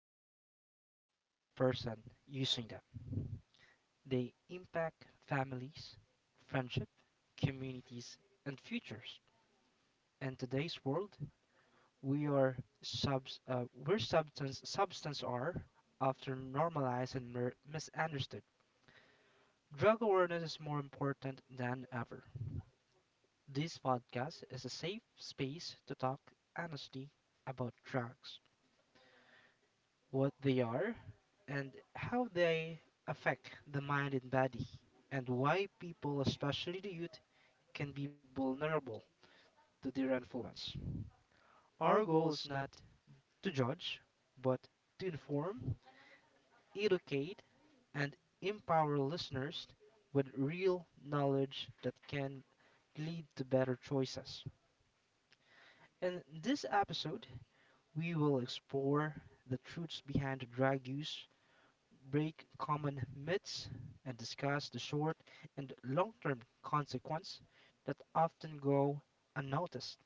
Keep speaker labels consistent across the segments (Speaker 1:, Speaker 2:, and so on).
Speaker 1: don't just affect the person using them, they impact families, friendship, communities, and futures. In today's world, we are subs where substance are often normalized and misunderstood. Drug awareness is more important than ever. This podcast is a safe space to talk honestly about drugs, what they are, and how they affect the mind and body, and why people, especially the youth, can be vulnerable to their influence. Our goal is not to judge, but to inform, educate, and empower listeners with real knowledge that can lead to better choices. In this episode, we will explore the truths behind drug use, break common myths, and discuss the short and long term consequences that often go unnoticed.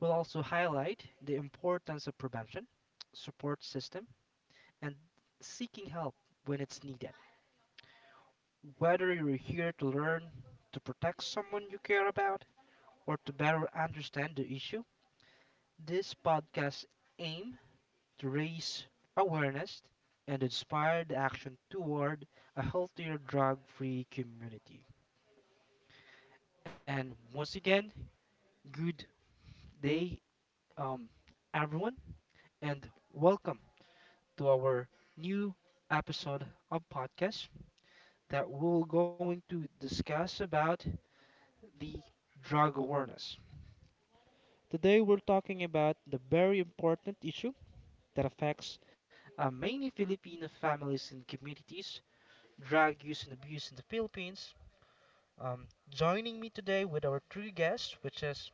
Speaker 1: We'll also highlight the importance of prevention, support system, and seeking help when it's needed. Whether you're here to learn, to protect someone you care about, or to better understand the issue, this podcast aim to raise awareness and inspire the action toward a healthier drug free community. And once again, good day, um, everyone, and welcome to our new episode of podcast that we're going to discuss about the drug awareness. Today, we're talking about the very important issue that affects many Filipino families and communities, drug use and abuse in the Philippines. Joining me today with our three guests, which is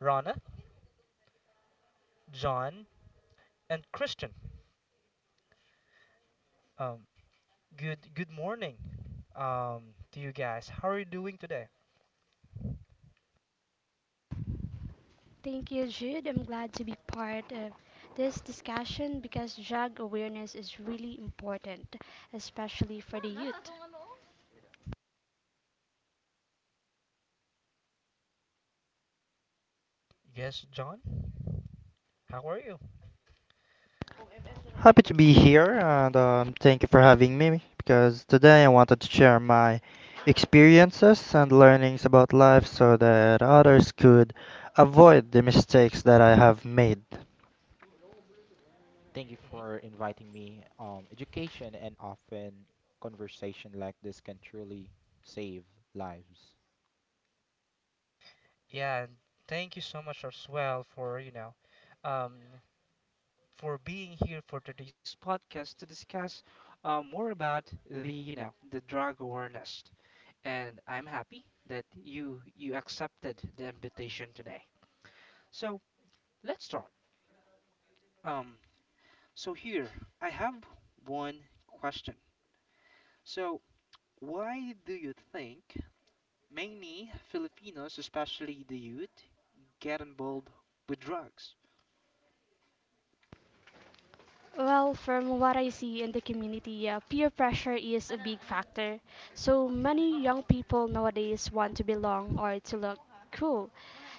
Speaker 1: Rana, John, and Christian. Um, good morning to you guys. How are you doing today?
Speaker 2: Thank you, Jude. I'm glad to be part of this discussion because drug awareness is really important, especially for the youth.
Speaker 1: Yes, John. How are you?
Speaker 3: Happy to be here and thank you for having me because today I wanted to share my experiences and learnings about life so that others could avoid the mistakes that I have made.
Speaker 4: Thank you
Speaker 1: Hmm.
Speaker 4: for inviting me. Education and often conversation like this can truly save lives.
Speaker 1: Yeah, and thank you so much as well for um, for being here for today's podcast to discuss more about the the drug awareness. And I'm happy that you accepted the invitation today. So let's start. Um, so here I have one question. So, why do you think many Filipinos, especially the youth, get involved with drugs?
Speaker 2: Well, from what I see in the community, peer pressure is a big factor. So many young people nowadays want to belong or to look cool.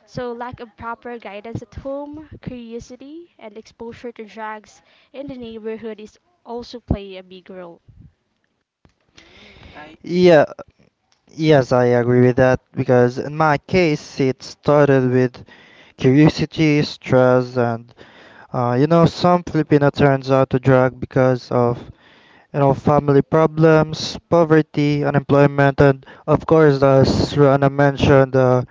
Speaker 2: So lack of proper guidance at home, curiosity, and exposure to drugs in the neighborhood is also play a big role.
Speaker 1: Mm, I.
Speaker 3: Yeah, yes, I agree with that because in my case it started with curiosity, stress, and you know, some Filipino turns out to drug because of you know, family problems, poverty, unemployment, and of course, as Rana mentioned,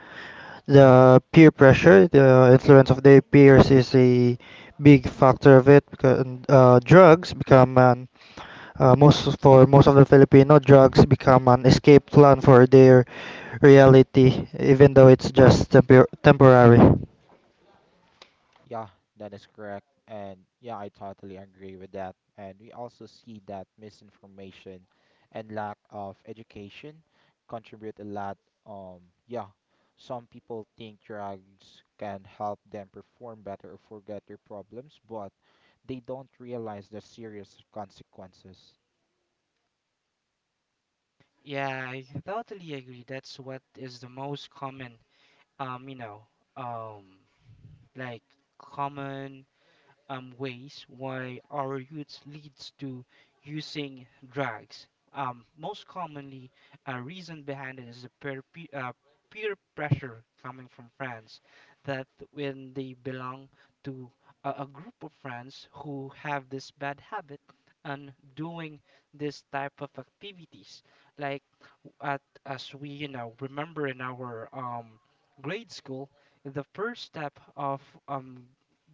Speaker 3: the peer pressure, the influence of their peers is a big factor of it because drugs become an most for most of the Filipino drugs become an escape plan for their reality, even though it's just temporary.
Speaker 4: Yeah, that is correct. And yeah, I totally agree with that. And we also see that misinformation and lack of education contribute a lot. Um, yeah, some people think drugs can help them perform better or forget their problems, but they don't realize the serious consequences.
Speaker 1: Yeah, I totally agree. That's what is the most common, um, you know, um, like common ways why our youth leads to using drugs. Most commonly, a reason behind it is a peer pressure coming from friends that when they belong to a group of friends who have this bad habit and doing this type of activities, like at, as we remember in our grade school, the first step of um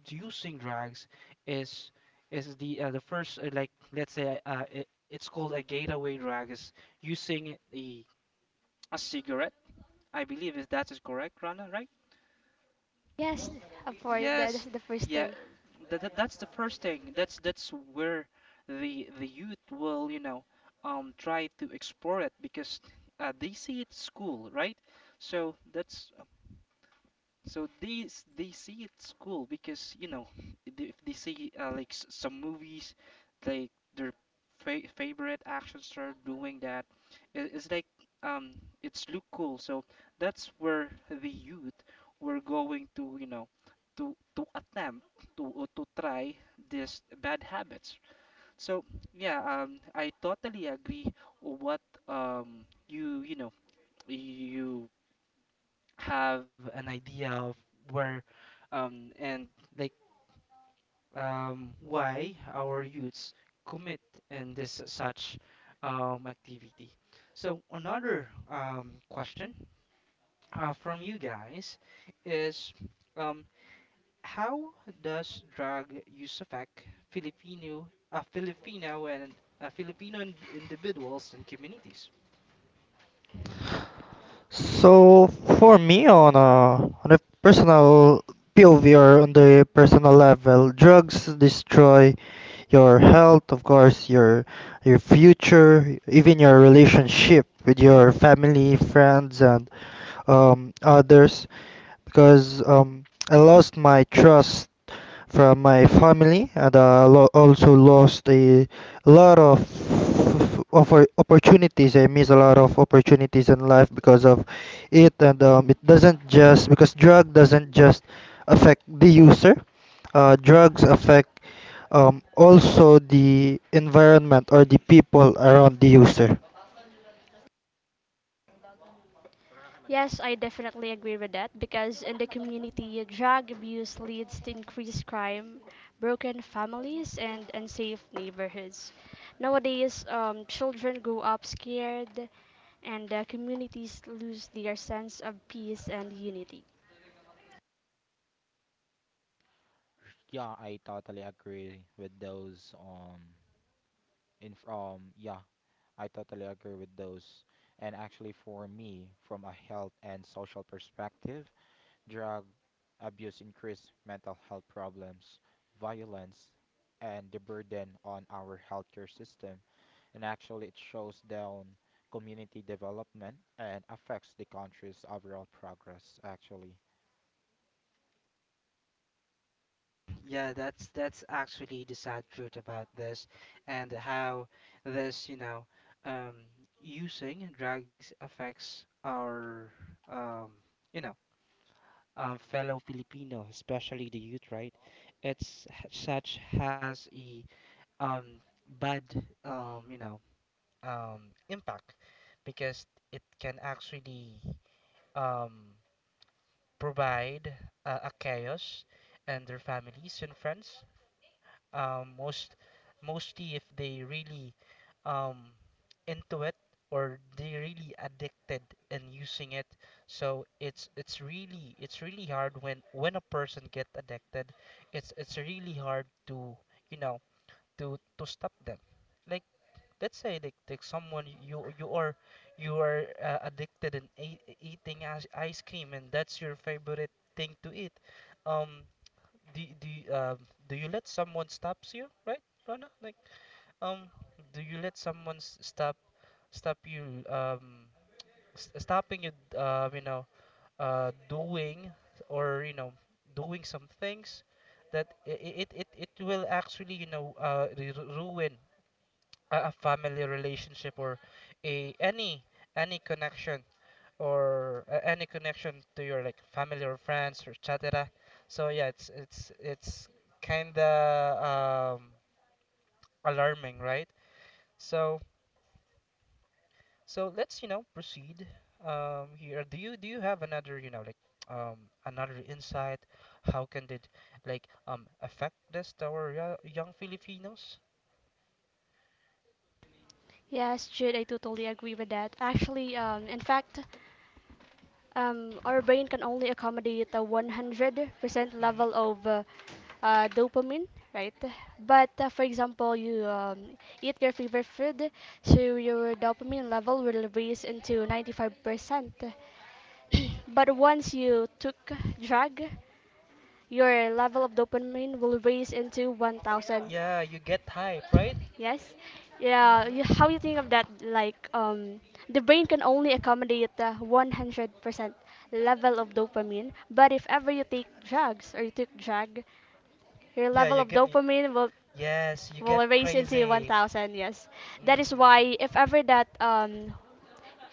Speaker 1: using drugs is is the first like let's say I- it's called a gateway drug, is using a cigarette. I believe if that is correct, Rana, right?
Speaker 2: Yes, of course, that is
Speaker 1: Yes.
Speaker 2: the first
Speaker 1: Yeah,
Speaker 2: thing.
Speaker 1: that that's the first thing, that's where the youth will try to explore it because they see it at school, right? So that's, so they they see it's cool because they, if they see some movies, like their fa favorite action star doing that, it's like um it's look cool. So that's where the youth were going to to attempt to, or to try these bad habits. So yeah, I totally agree with what um you you know you have an idea of where and like why our youths commit in this such activity. So another question from you guys is, um, how does drug use affect Filipino, Filipino and Filipino individuals and communities?
Speaker 3: So for me, on a personal POV or on the personal level, drugs destroy your health, of course, your future, even your relationship with your family, friends, and others. Because I lost my trust from my family and I also lost a lot of opportunities, I miss a lot of opportunities in life because of it and it doesn't just because drug doesn't just affect the user, drugs affect also the environment or the people around the user.
Speaker 2: Yes, I definitely agree with that because in the community, drug abuse leads to increased crime, broken families, and unsafe neighborhoods. Nowadays, children grow up scared, and communities lose their sense of peace and unity.
Speaker 4: Yeah, I totally agree with those. In from yeah, I totally agree with those. And actually, for me, from a health and social perspective, drug abuse increase mental health problems, violence, and the burden on our healthcare system. And actually, it shows down community development and affects the country's overall progress. Actually,
Speaker 1: Yeah, that's actually the sad truth about this and how this, um, using drugs affects our, um, you know, fellow Filipino, especially the youth, right? It's such has a um, bad, um, you know, impact because it can actually um, provide a chaos and their families and friends, um, most mostly if they really um, into it or they really addicted and using it. So it's really, it's really hard when a person get addicted, it's really hard to you know to stop them. Like let's say, like someone, you you are addicted in eating ice cream, and that's your favorite thing to eat. um do do you let someone stops you, right, Rana? Like, um do you let someone stop stop you, stopping you, you know doing, or doing some things that it will actually ruin a family relationship, or a any connection, or any connection to your like family or friends or etc. So yeah, it's kind of alarming, right? So so let's proceed here. Do you have another, um, another insight? How can it like affect this to our young Filipinos?
Speaker 2: Yes, Jude, I totally agree with that. Actually, in fact, our brain can only accommodate a 100%
Speaker 1: Hmm.
Speaker 2: level of dopamine, right? But for example, you eat your favorite food, so your dopamine level will raise into 95%. But once you took drug, your level of dopamine will raise into 1,000.
Speaker 1: Yeah, you get hype, right?
Speaker 2: Yes. Yeah.
Speaker 1: Hmm.
Speaker 2: You, how you think of that? Like, the brain can only accommodate the 100% level of dopamine. But if ever you take drugs or you took drug, your
Speaker 1: Yeah,
Speaker 2: level
Speaker 1: you
Speaker 2: of
Speaker 1: get.
Speaker 2: dopamine
Speaker 1: Yes, you
Speaker 2: will
Speaker 1: get
Speaker 2: raise into
Speaker 1: crazy.
Speaker 2: 1,000. Yes. That is
Speaker 1: Mm.
Speaker 2: why if ever that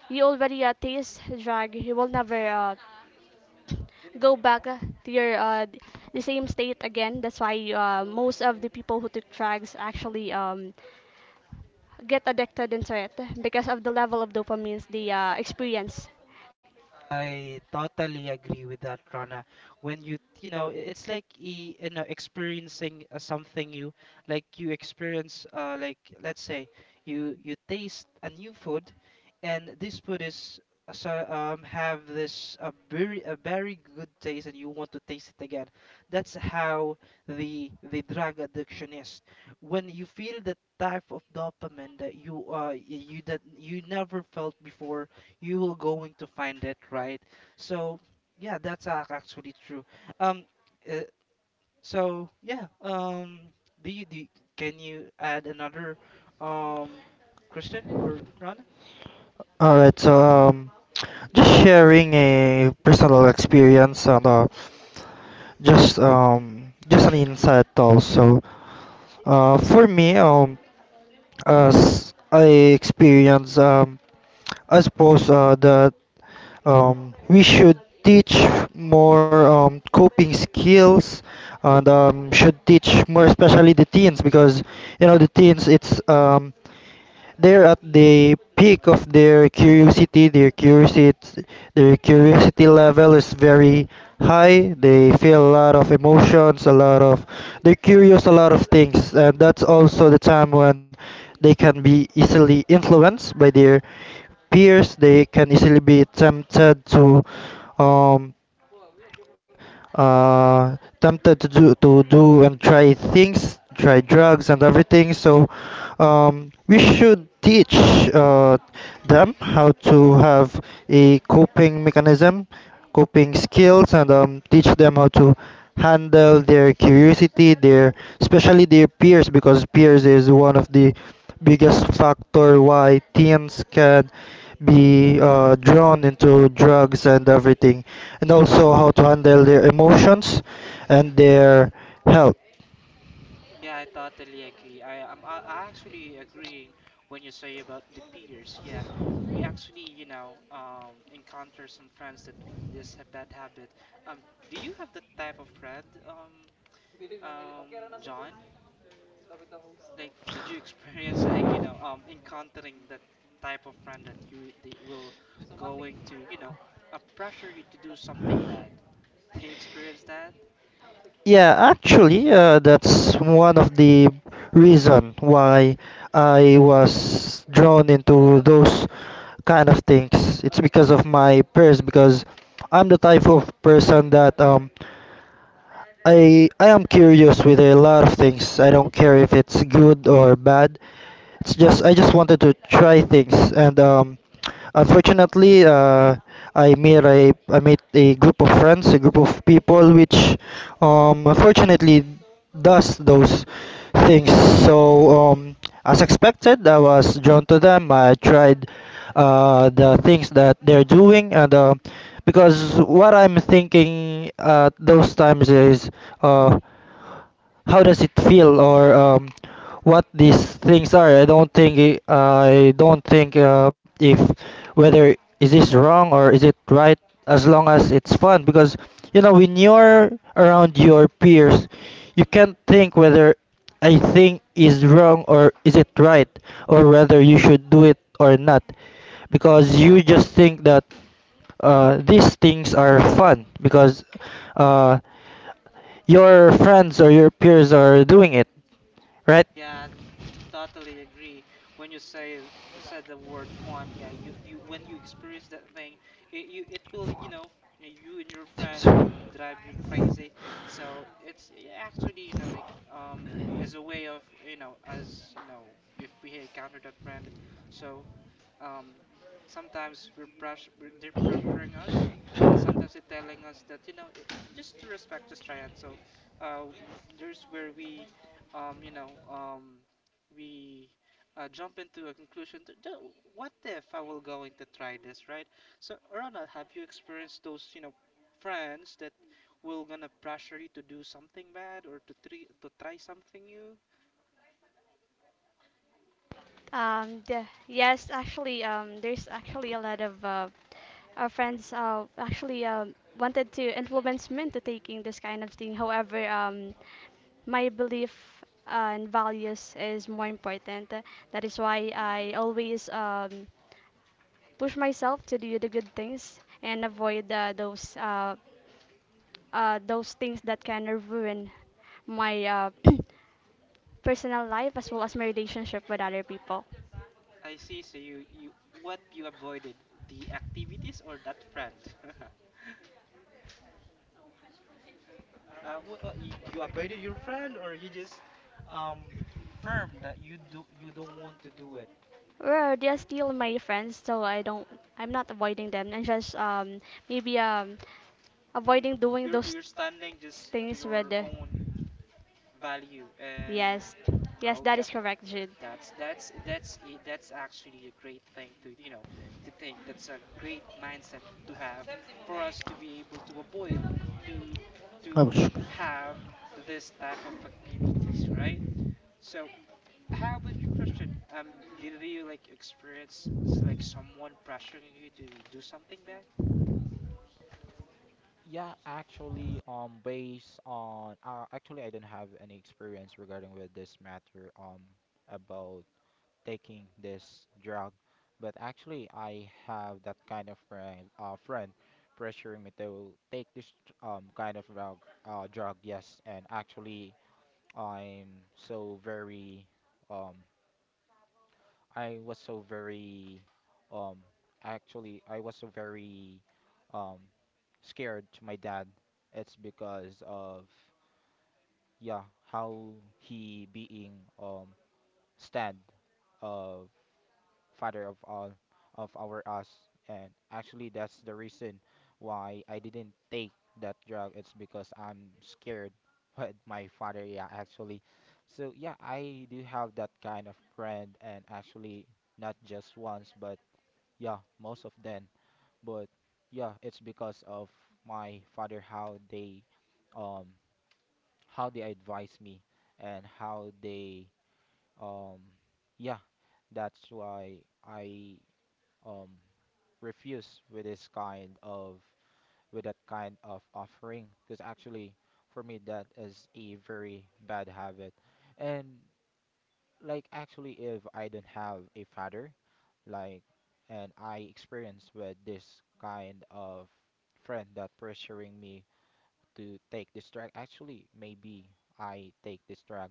Speaker 2: you already taste drug, you will never go back to your the same state again. That's why most of the people who took drugs actually get addicted into it because of the level of dopamines they experience.
Speaker 1: I totally agree with that, Rana. When you, it's like you know experiencing something new. Like you experience, like let's say you taste a new food, and this food is have this a very good taste, and you want to taste it again. That's how the drug addiction is. When you feel the type of dopamine that you that you never felt before, you will going to find it, right? So yeah, that's actually true. um uh, so yeah, do can you add another um question or Ron?
Speaker 3: All right, so just sharing a personal experience and just an insight also. For me, as I experience, I suppose that we should teach more coping skills and should teach more especially the teens because you know the teens it's they're at the peak of their curiosity. Their curiosity level is very high. They feel a lot of emotions, a lot of, they're curious a lot of things, and that's also the time when they can be easily influenced by their peers. They can easily be tempted to um, tempted to to do and try things, try drugs and everything. So we should teach uh, them how to have a coping mechanism, coping skills, and teach them how to handle their curiosity, their especially their peers, because peers is one of the biggest factor why teens can be drawn into drugs and everything, and also how to handle their emotions and their health.
Speaker 1: Yeah, I totally agree. I actually agreeing when you say about the peers. Yeah, we actually, encounter some friends that with this bad habit. Um, do you have that type of friend, um, John? Like, did you experience like encountering that type of friend that you they will going to pressure you to do something bad? Do you experience that?
Speaker 3: Yeah, actually, that's one of the reason why I was drawn into those kind of things. It's because of my peers because I'm the type of person that I am curious with a lot of things. I don't care if it's good or bad. It's just I just wanted to try things, and unfortunately, I made a group of friends, a group of people, which unfortunately does those things. So as expected, I was drawn to them. I tried the things that they're doing, and because what I'm thinking at those times is. Uh, how does it feel or what these things are. I don't think if whether is this wrong or is it right as long as it's fun because you know when you're around your peers you
Speaker 1: Hmm.
Speaker 3: can't think whether I think is wrong or is it right or whether you should do it or not because you just think that these things are fun because uh, your friends or your peers are doing it. Right?
Speaker 1: Yeah, totally agree. When you say the word fun, yeah, you when you experience that thing, it you it will you and your friends will drive you crazy. So it's actually as a way of you know as you know if we encounter that friend, so um, sometimes they're pressuring us, and sometimes they're telling us that just to respect, just try it. So uh, there's where we, um, you know, um, we jump into a conclusion that, What if I will going to try this, right?" So Rana, have you experienced those friends that will gonna pressure you to do something bad, or to try something new?
Speaker 2: Yes, actually, there's actually a lot of our friends actually wanted to influence me into taking this kind of thing. However, my belief and values is more important. That is why I always push myself to do the good things and avoid those things that can ruin my personal life as well as my relationship with other people.
Speaker 1: I see. So you, what, you avoided the activities or that friend? You, you avoided your friend, or you just um firm that you, do you don't want to do it.
Speaker 2: Well, they're still my friends, so I don't. I'm not avoiding them, and just maybe
Speaker 1: Hmm.
Speaker 2: avoiding doing those
Speaker 1: You're standing just to
Speaker 2: things
Speaker 1: your
Speaker 2: with.
Speaker 1: own value and,
Speaker 2: Yes,
Speaker 1: ah,
Speaker 2: yes, that
Speaker 1: okay.
Speaker 2: is correct, Jid.
Speaker 1: That's that's actually a great thing to to think. That's a great mindset to have for us to be able to avoid to to have this type of activities, right? So how about you, Christian? Did you like experience like someone pressuring you to do something bad?
Speaker 4: yeah, actually, based on, actually, I don't have any experience regarding with this matter, about taking this drug, but actually, I have that kind of friend pressuring me to take this, kind of drug, yes, and actually, I'm so very, um, I was so very um actually I was so very um scared to my dad. It's because of yeah, how he being um stand of father of all of our us, and actually that's the reason why I didn't take that drug. It's because I'm scared with my father, yeah, actually. So yeah, I do have that kind of friend and actually not just once but yeah, most of them. But yeah, it's because of my father um how they advise me and how they um yeah, that's why I um refuse with this kind of with that kind of offering because actually for me that is a very bad habit. And like actually if I don't have a father, like and I experience with this kind of friend that pressuring me to take this drug, actually maybe I take this drug.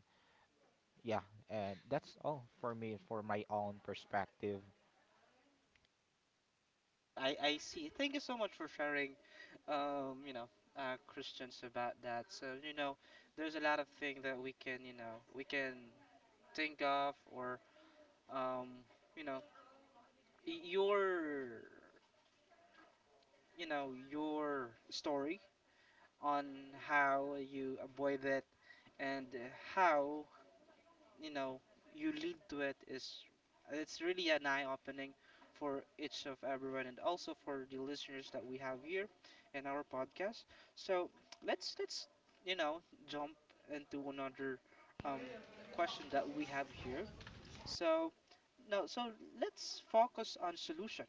Speaker 4: Yeah, and that's all for me for my own perspective.
Speaker 1: I see. Thank you so much for sharing, um, you know, Christians, about that. So you know, there's a lot of things that we can we can think of, or um, you know your your story on how you avoid it and how you know you lead to it. Is it's really an eye opening for each of everyone and also for the listeners that we have here in our podcast. So let's you know jump into another um question that we have here. So now, so let's focus on solution.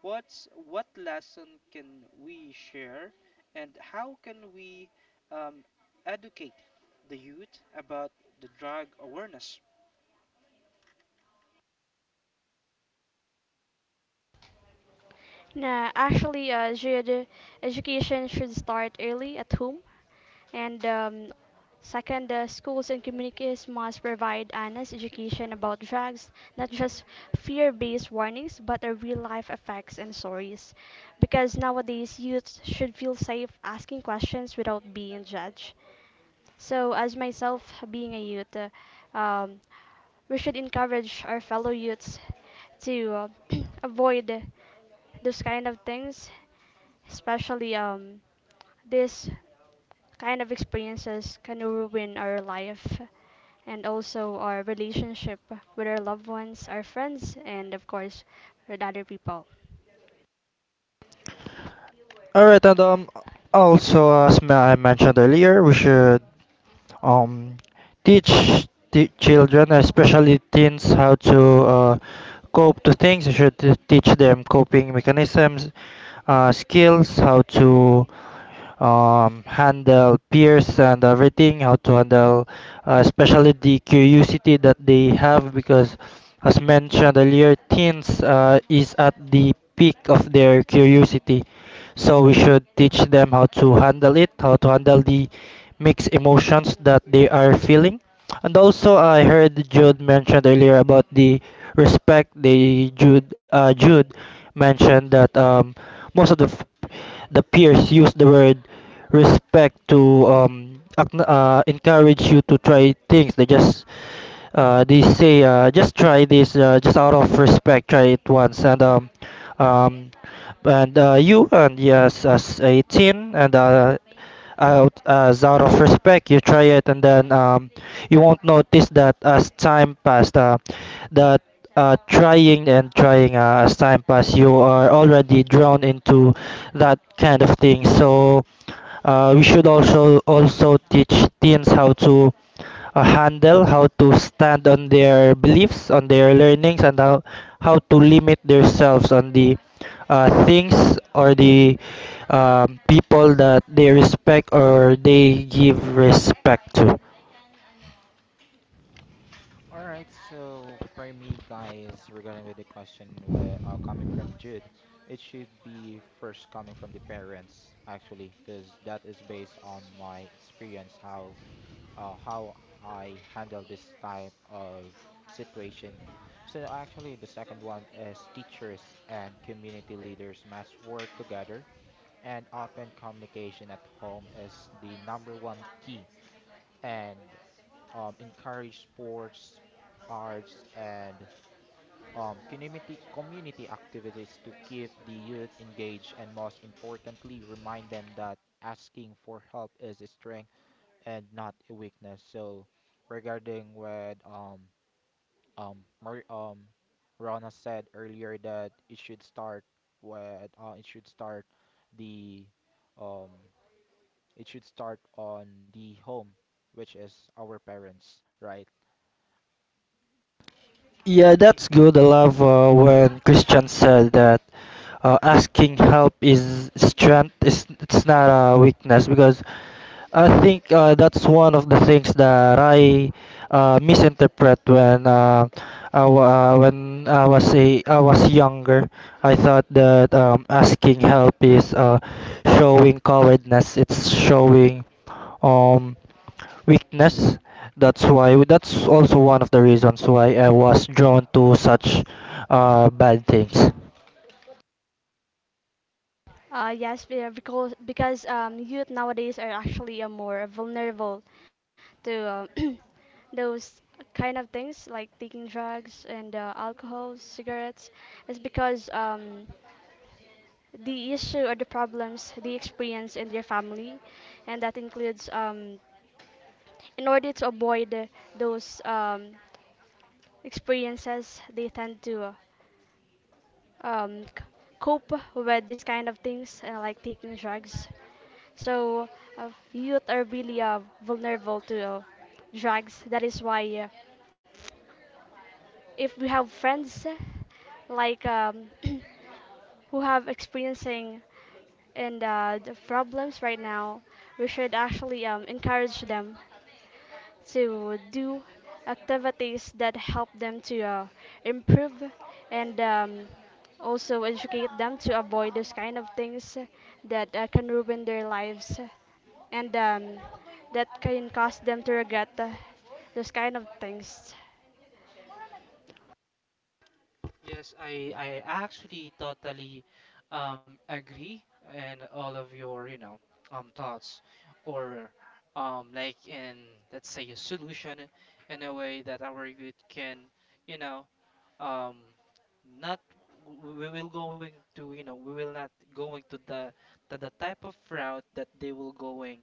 Speaker 1: What's what lesson can we share, and how can we um, educate the youth about the drug awareness?
Speaker 2: Nah, actually, Jid, education should start early at home. And second, the schools and communities must provide honest education about drugs, not just fear based warnings, but the real life effects and stories. Because nowadays, youth should feel safe asking questions without being judged. So, as myself being a youth, um, we should encourage our fellow youths to avoid those kind of things, especially this kind of experiences can ruin our life, and also our relationship with our loved ones, our friends, and of course with other people.
Speaker 3: Alright, and also as I mentioned earlier, we should um, teach the children, especially teens, how to uh, cope to things. You should teach them coping mechanisms, skills, how to handle peers and everything, how to handle especially the curiosity that they have because as mentioned earlier, teens is at the peak of their curiosity. So we should teach them how to handle it, how to handle the mixed emotions that they are feeling. And also, I heard Jude mentioned earlier about the respect. They Jude Jude mentioned that most of the the peers use the word respect to encourage you to try things. They just they say just try this, just out of respect, try it once, and um, you and yes, as 18, and out of respect, you try it, and then you won't notice that as time passed, that trying and trying as time passed, you are already drawn into that kind of thing. So we should also teach teens how to a handle, how to stand on their beliefs, on their learnings, and how to limit themselves on the things or the people that they respect or they give respect to.
Speaker 4: All right, so for me, guys, regarding with the question coming from Jude, it should be first coming from the parents, actually, because that is based on my experience how I handle this type of situation. So actually, the second one is teachers and community leaders must work together, and open communication at home is the number one key. And encourage sports, arts, and community activities to keep the youth engaged, and most importantly, remind them that asking for help is a strength and not a weakness. So regarding what Mar Rana said earlier that it should start with the um it should start on the home, which is our parents, right?
Speaker 3: Yeah, that's
Speaker 1: Ye-
Speaker 3: good. I love when Christian said that asking help is strength. It's not a weakness because I think that's one of the things that I misinterpret when when I was a I was younger. I thought that asking help is showing cowardness. It's showing um weakness. That's why that's also one of the reasons why I was drawn to such bad things.
Speaker 2: Yes, be- because youth nowadays are actually more vulnerable to those kind of things like taking drugs and alcohol, cigarettes. It's because the issue or the problems they experience in their family, and that includes in order to avoid those experiences, they tend to um, c- cope with this kind of things like taking drugs. So youth are really vulnerable to drugs. That is why if we have friends like um, who have experiencing and the problems right now, we should actually encourage them to do activities that help them to improve and also, educate them to avoid those kind of things that can ruin their lives and that can cause them to regret those kind of things.
Speaker 1: Yes, I actually totally agree and all of your thoughts or like in let's say a solution in a way that our youth can you know um not we will going to we will not going to the type of route that they will going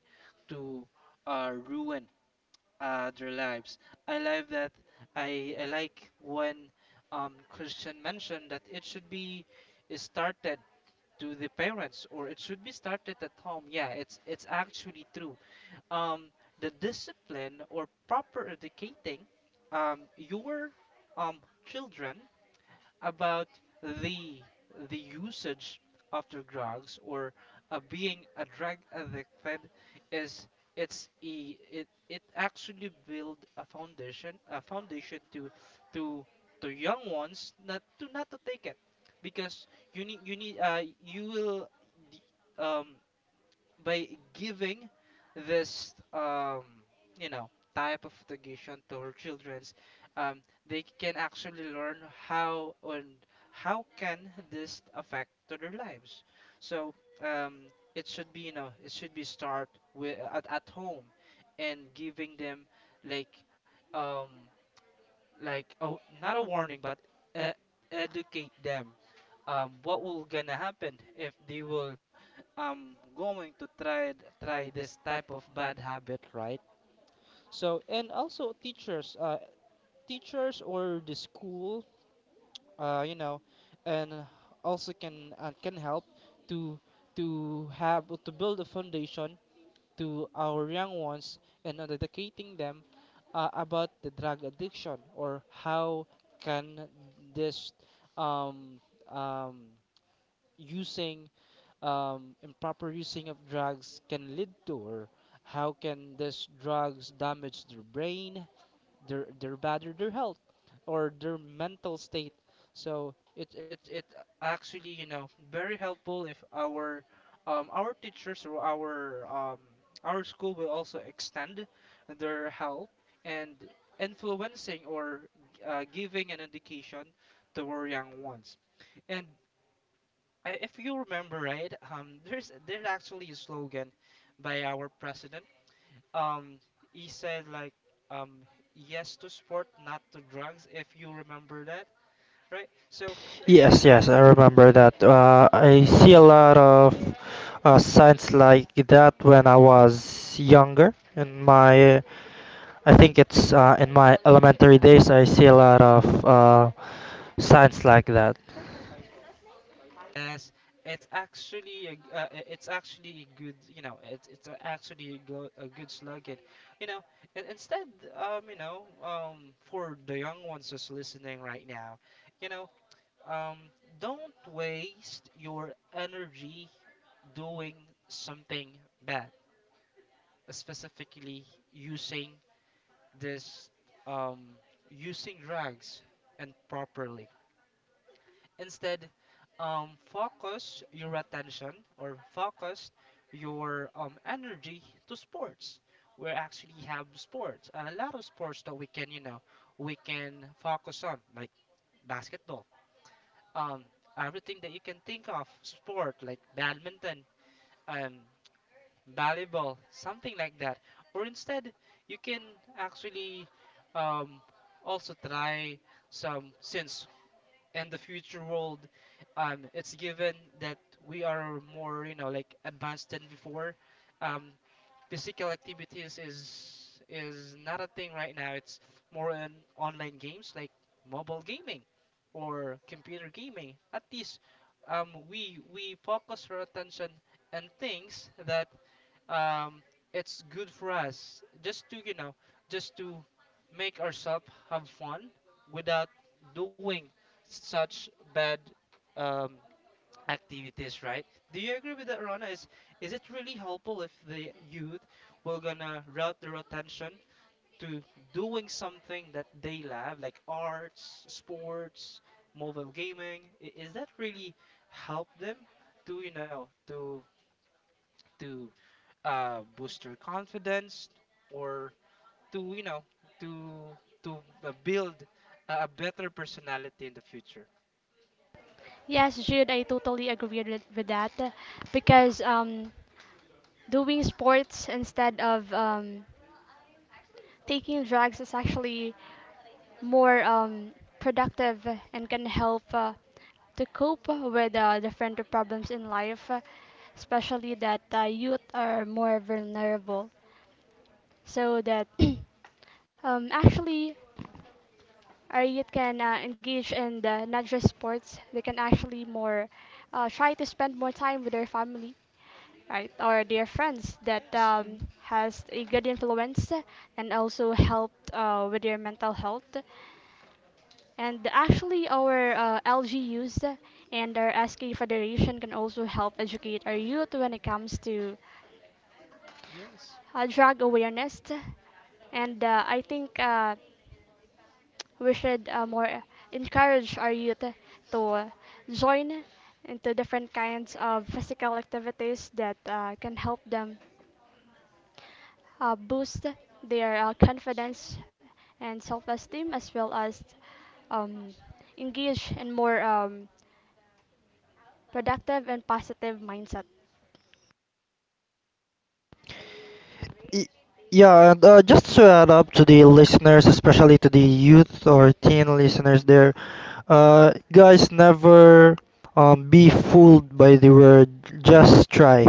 Speaker 1: to ruin their lives. I like that. I like when Christian mentioned that it should be started to the parents or it should be started at home. Yeah, it's actually true. um the discipline or proper educating your um children about the the usage after drugs or being a drug addicted is, it actually build a foundation to to young ones not to take it. Because you need you need you will d- um by giving this you know type of education to our childrens, um, they can actually learn how and how can this affect to their lives. So um, it should be it should be start with at home and giving them like um, like oh, not a warning but e- educate them what will gonna happen if they will going to try try this type of bad habit, right? So and also teachers, teachers or the school, uh, you know and also can help to to have to build a foundation to our young ones and on educating them about the drug addiction or how can this um, um, using improper using of drugs can lead to or how can this drugs damage their brain, their bad or their health or their mental state. So it actually very helpful if our our teachers or our school will also extend their help and influencing or giving an education to our young ones. And if you remember right, there's actually a slogan by our president. um he said like, um yes to sport, not to drugs, if you remember that, right? So it's
Speaker 3: Yes, yes, I remember that. I see a lot of signs like that when I was younger. In my, I think it's in my elementary days, I see a lot of signs like that.
Speaker 1: yes, it's actually a, g- I- it's actually a good, it's actually a good slogan, you know and instead, for the young ones who's listening right now, you know um don't waste your energy doing something bad, specifically using this um, using drugs and properly. Instead, focus your attention or focus your energy to sports. We actually have sports, a lot of sports that we can, you know, we can focus on, like basketball, um, everything that you can think of, sport like badminton. Um, Volleyball, something like that. Or instead, you can actually um, also try some, since in the future world, it's given that we are more, you know, like advanced than before. Um, Physical activities is not a thing right now. It's more in online games like mobile gaming or computer gaming. At least we focus our attention on things that um, it's good for us, just to you know just to make ourselves have fun without doing such bad um, activities, right? Do you agree with that, Rona? Is it really helpful if the youth will gonna route their attention to doing something that they love, like arts, sports, mobile gaming? Is that really help them to you know to boost their confidence or to you know to to build a better personality in the future?
Speaker 2: Yes, Jude, I totally agree with that because doing sports instead of taking drugs is actually more productive and can help to cope with different problems in life, especially that youth are more vulnerable. So that actually our youth can engage in not just sports, they can actually more try to spend more time with their family, right? Our dear friends that
Speaker 1: Yes. Mhm.
Speaker 2: has a good influence and also helped with their mental health. And actually, our LGUs and our SK Federation can also help educate our youth when it comes to
Speaker 1: Yes.
Speaker 2: drug awareness. And I think we should more encourage our youth to join into different kinds of physical activities that can help them boost their confidence and self-esteem as well as um, engage in more productive and positive mindset.
Speaker 3: Y- Yeah, and just to add up to the listeners, especially to the youth or teen listeners there, guys, never be fooled by the word just try.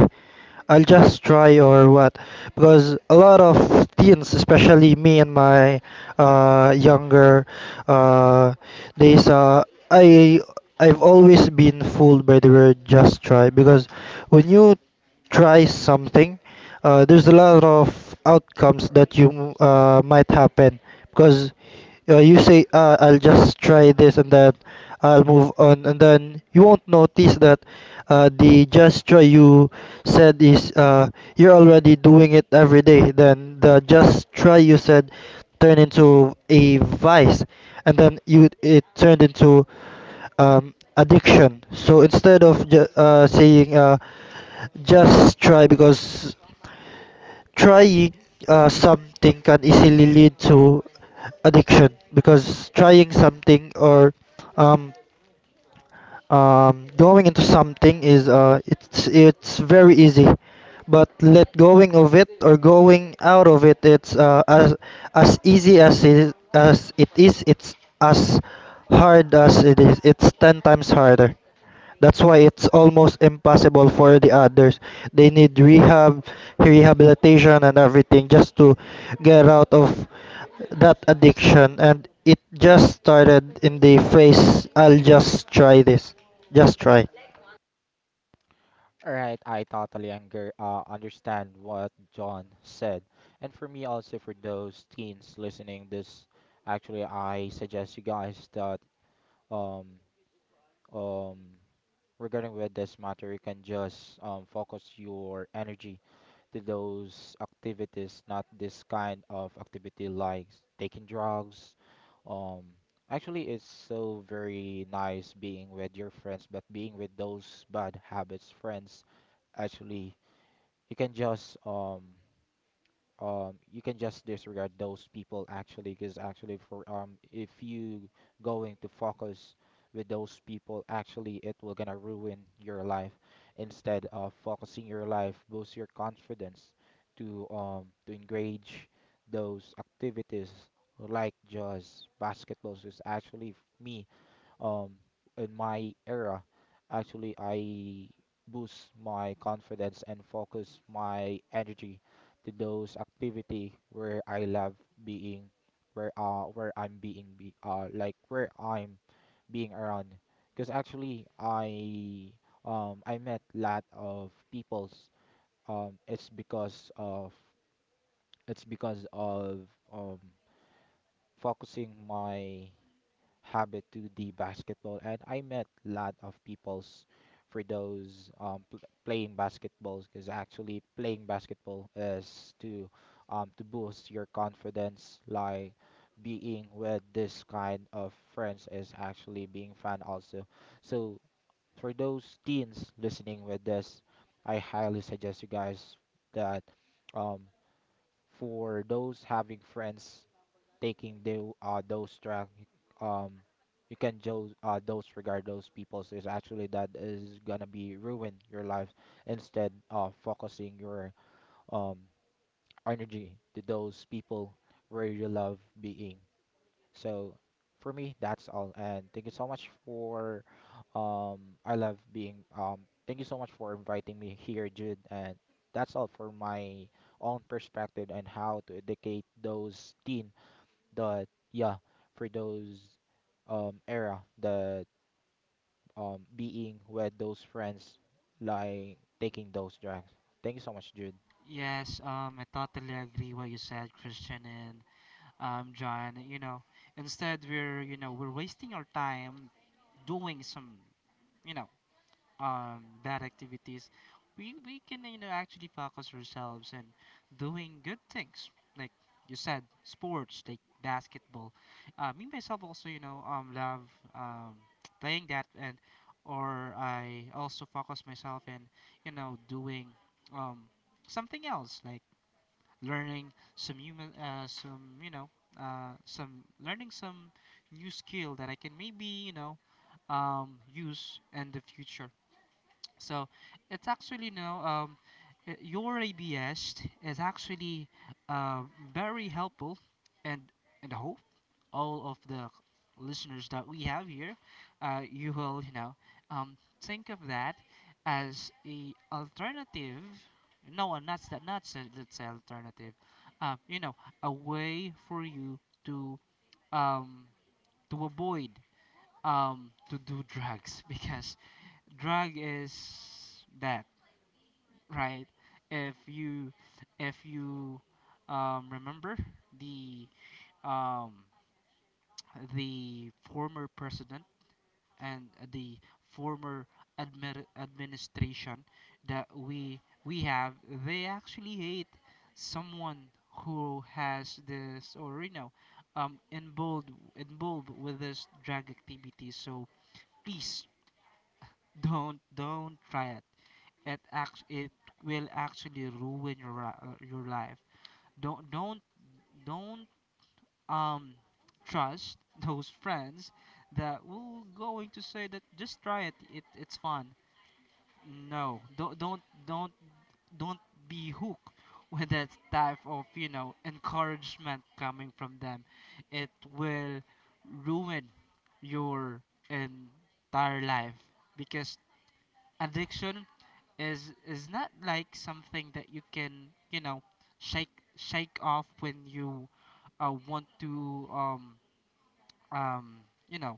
Speaker 3: I'll just try or what because a lot of teens especially me and my younger uh, days, I I've always been fooled by the word just try because when you try something there's a lot of outcomes that you might happen because yeah, you say, I'll just try this and then I'll move on, and then you won't notice that the just try you said is you're already doing it every day. Then the just try you
Speaker 1: Yeah.
Speaker 3: said turned
Speaker 1: Mm.
Speaker 3: into a vice, and then you it turned into addiction. So instead of saying just try, because trying something can easily lead to addiction because trying something or um, going into something is it's very easy, but let going of it or going out of it, it's as easy as as it is, it's as hard as it is, it's 10 times harder. That's why it's almost impossible for the others. They need rehabilitation, and everything just to get out of that addiction. And it just started in the phase. I'll just try this. Just try.
Speaker 4: All right, I totally understand what John said. And for me also for those teens listening this, actually I suggest you guys that um um regarding with this matter, you can just focus your energy to those activities, not this kind of activity like taking drugs. Um, Actually, it's so very nice being with your friends, but being with those bad habits friends, actually, you can just um you can just disregard those people, actually because actually for if you going to focus with those people actually it will gonna ruin your life instead of focusing your life boost your confidence to engage those activities like just basketballs is me um in my era actually I boost my confidence and focus my energy to those activity where I love being, where I'm being be like where I'm being around, because actually I I met lot of peoples, it's because of it's because of um focusing my habit to the basketball, and I met a lot of peoples for playing basketballs because actually playing basketball is to boost your confidence. Like being with this kind of friends is actually being fun also. So for those teens listening with this, I highly suggest you guys that. Um, for those having friends taking the, those track, um, you can just those regard those people. So it's actually that is gonna be ruin your life instead of focusing your um energy to those people where you love being. So for me, that's all. And thank you so much for um I love being thank you so much for inviting me here, Jude. And that's all for my own perspective and how to educate those teen that yeah, for those era that being with those friends like taking those drugs. Thank you so much, Jude.
Speaker 1: Yes, I totally agree what you said, Christian, and John. You know, instead we're you know we're wasting our time doing some you know bad activities, we can you know actually focus ourselves in doing good things like you said, sports like basketball. Me myself also you know love um playing that. And or I also focus myself in you know doing um something else like learning some human, some you know some learning some new skill that I can maybe you know use in the future. So it's actually no your ABS is actually uh, very helpful. and and I hope all of the listeners that we have here, you will you know think of that as a alternative. No uh, not that not s- that's alternative, you know, a way for you um, to avoid to do drugs because drug is that. Right. If you if you remember the um, the former president and the former administration that we have, they actually hate someone who has this or you know involved with this drug activity. So please, don't try it. It act it will actually ruin your your life. Don't don't don't um trust those friends that will going to say that just try it. It it's fun. No, don't don't be hooked with that type of you know encouragement coming from them. It will ruin your entire life, because addiction is not like something that you can you know shake off when you want to um you know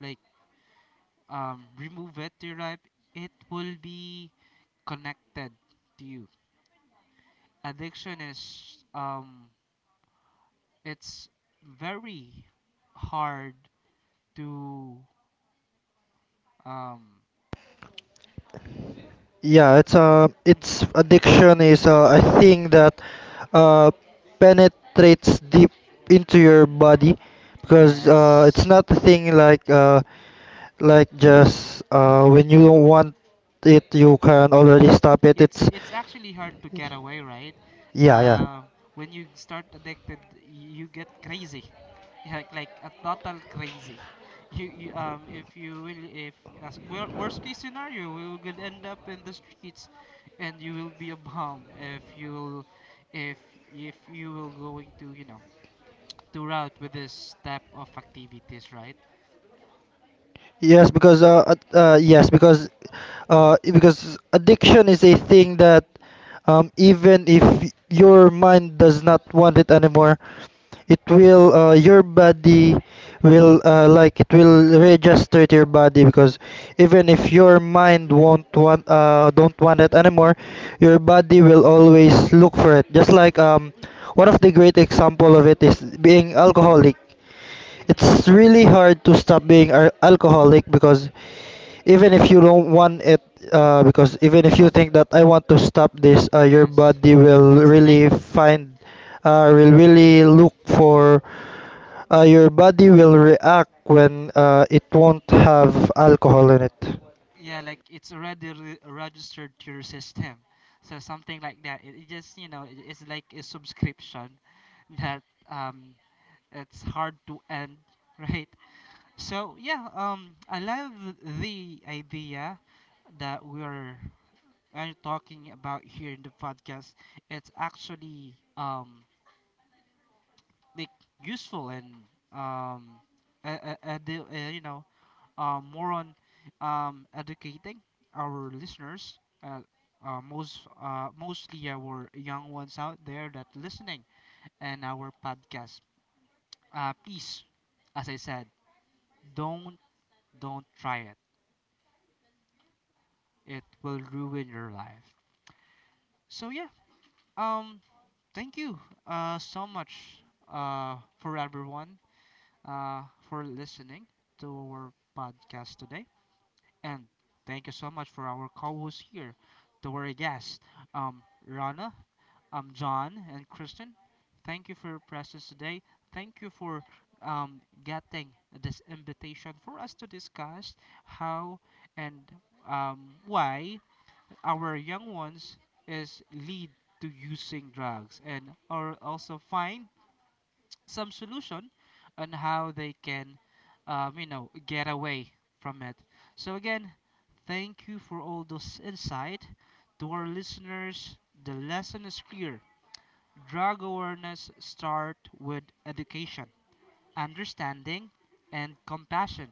Speaker 1: like remove it to your life. It will be connected to you. Addiction is it's very hard to um
Speaker 3: Yeah, it's
Speaker 1: mhm.
Speaker 3: addiction is a thing that uh, penetrates deep into your body because it's
Speaker 1: Yes.
Speaker 3: not a thing like like just when you don't want it, you
Speaker 1: Yeah.
Speaker 3: can already stop it.
Speaker 1: It's
Speaker 3: It's
Speaker 1: actually hard to get away, right?
Speaker 3: yeah, yeah.
Speaker 1: Uh, when you start addicted, you get crazy, like a total crazy. You if you will if, as worst case scenario, we will end up in the streets, and you will be a bomb if if you will going to you know to route with this type of activities, right?
Speaker 3: Yes, because because addiction is a thing that even if your mind does not want it anymore, it will your body will it will register to your body because even if your mind won't want don't want it anymore, your body will always look for it. Just like one of the great example of it is being alcoholic.
Speaker 1: Hmm.
Speaker 3: It's really hard to stop being alcoholic because even if you don't want it, because even if you think that I want to stop this, your
Speaker 1: Yes,
Speaker 3: body will
Speaker 1: it's like.
Speaker 3: really
Speaker 1: Mhm.
Speaker 3: will really look for your body will react when it won't have alcohol in it.
Speaker 1: Yeah, like it's already registered to your system. So something like that, it just you know it, it's like a subscription that um it's hard to end, right? So yeah, I love the idea that we are talking about here in the podcast. It's actually like useful and um you know more on educating our listeners, mostly our young ones out there that listening and our podcast. Please, as I said, don't don't try it. It will ruin your life. So yeah, um, thank you so much for everyone uh, for listening to our podcast today. And thank you so much for our co hosts here, to our guests, um, Rana, John, and Kristen. Thank you for your presence today. Thank you for getting this invitation for us to discuss how and um, why our young ones is lead to using drugs and are also fine some solution on how they can, you know, get away from it. So again, thank you for all those insight. To our listeners, the lesson is clear. Drug awareness start with education, understanding, and compassion.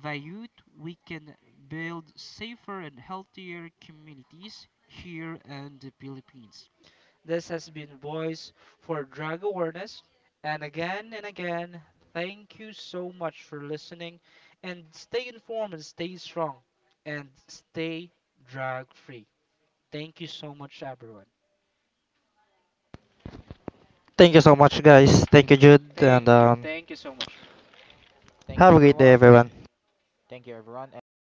Speaker 1: By youth, we can build safer and healthier communities here in the Philippines. This has been Voice for Drug Awareness. And again, thank you so much for listening. And stay informed and stay strong and stay drug free. Thank you so much, everyone.
Speaker 3: Thank you so much, guys. Thank you, Jude, and
Speaker 1: Thank you. Thank you so much.
Speaker 4: Thank you
Speaker 3: have a great day,
Speaker 4: everyone.
Speaker 3: everyone.
Speaker 4: Thank you everyone and thank you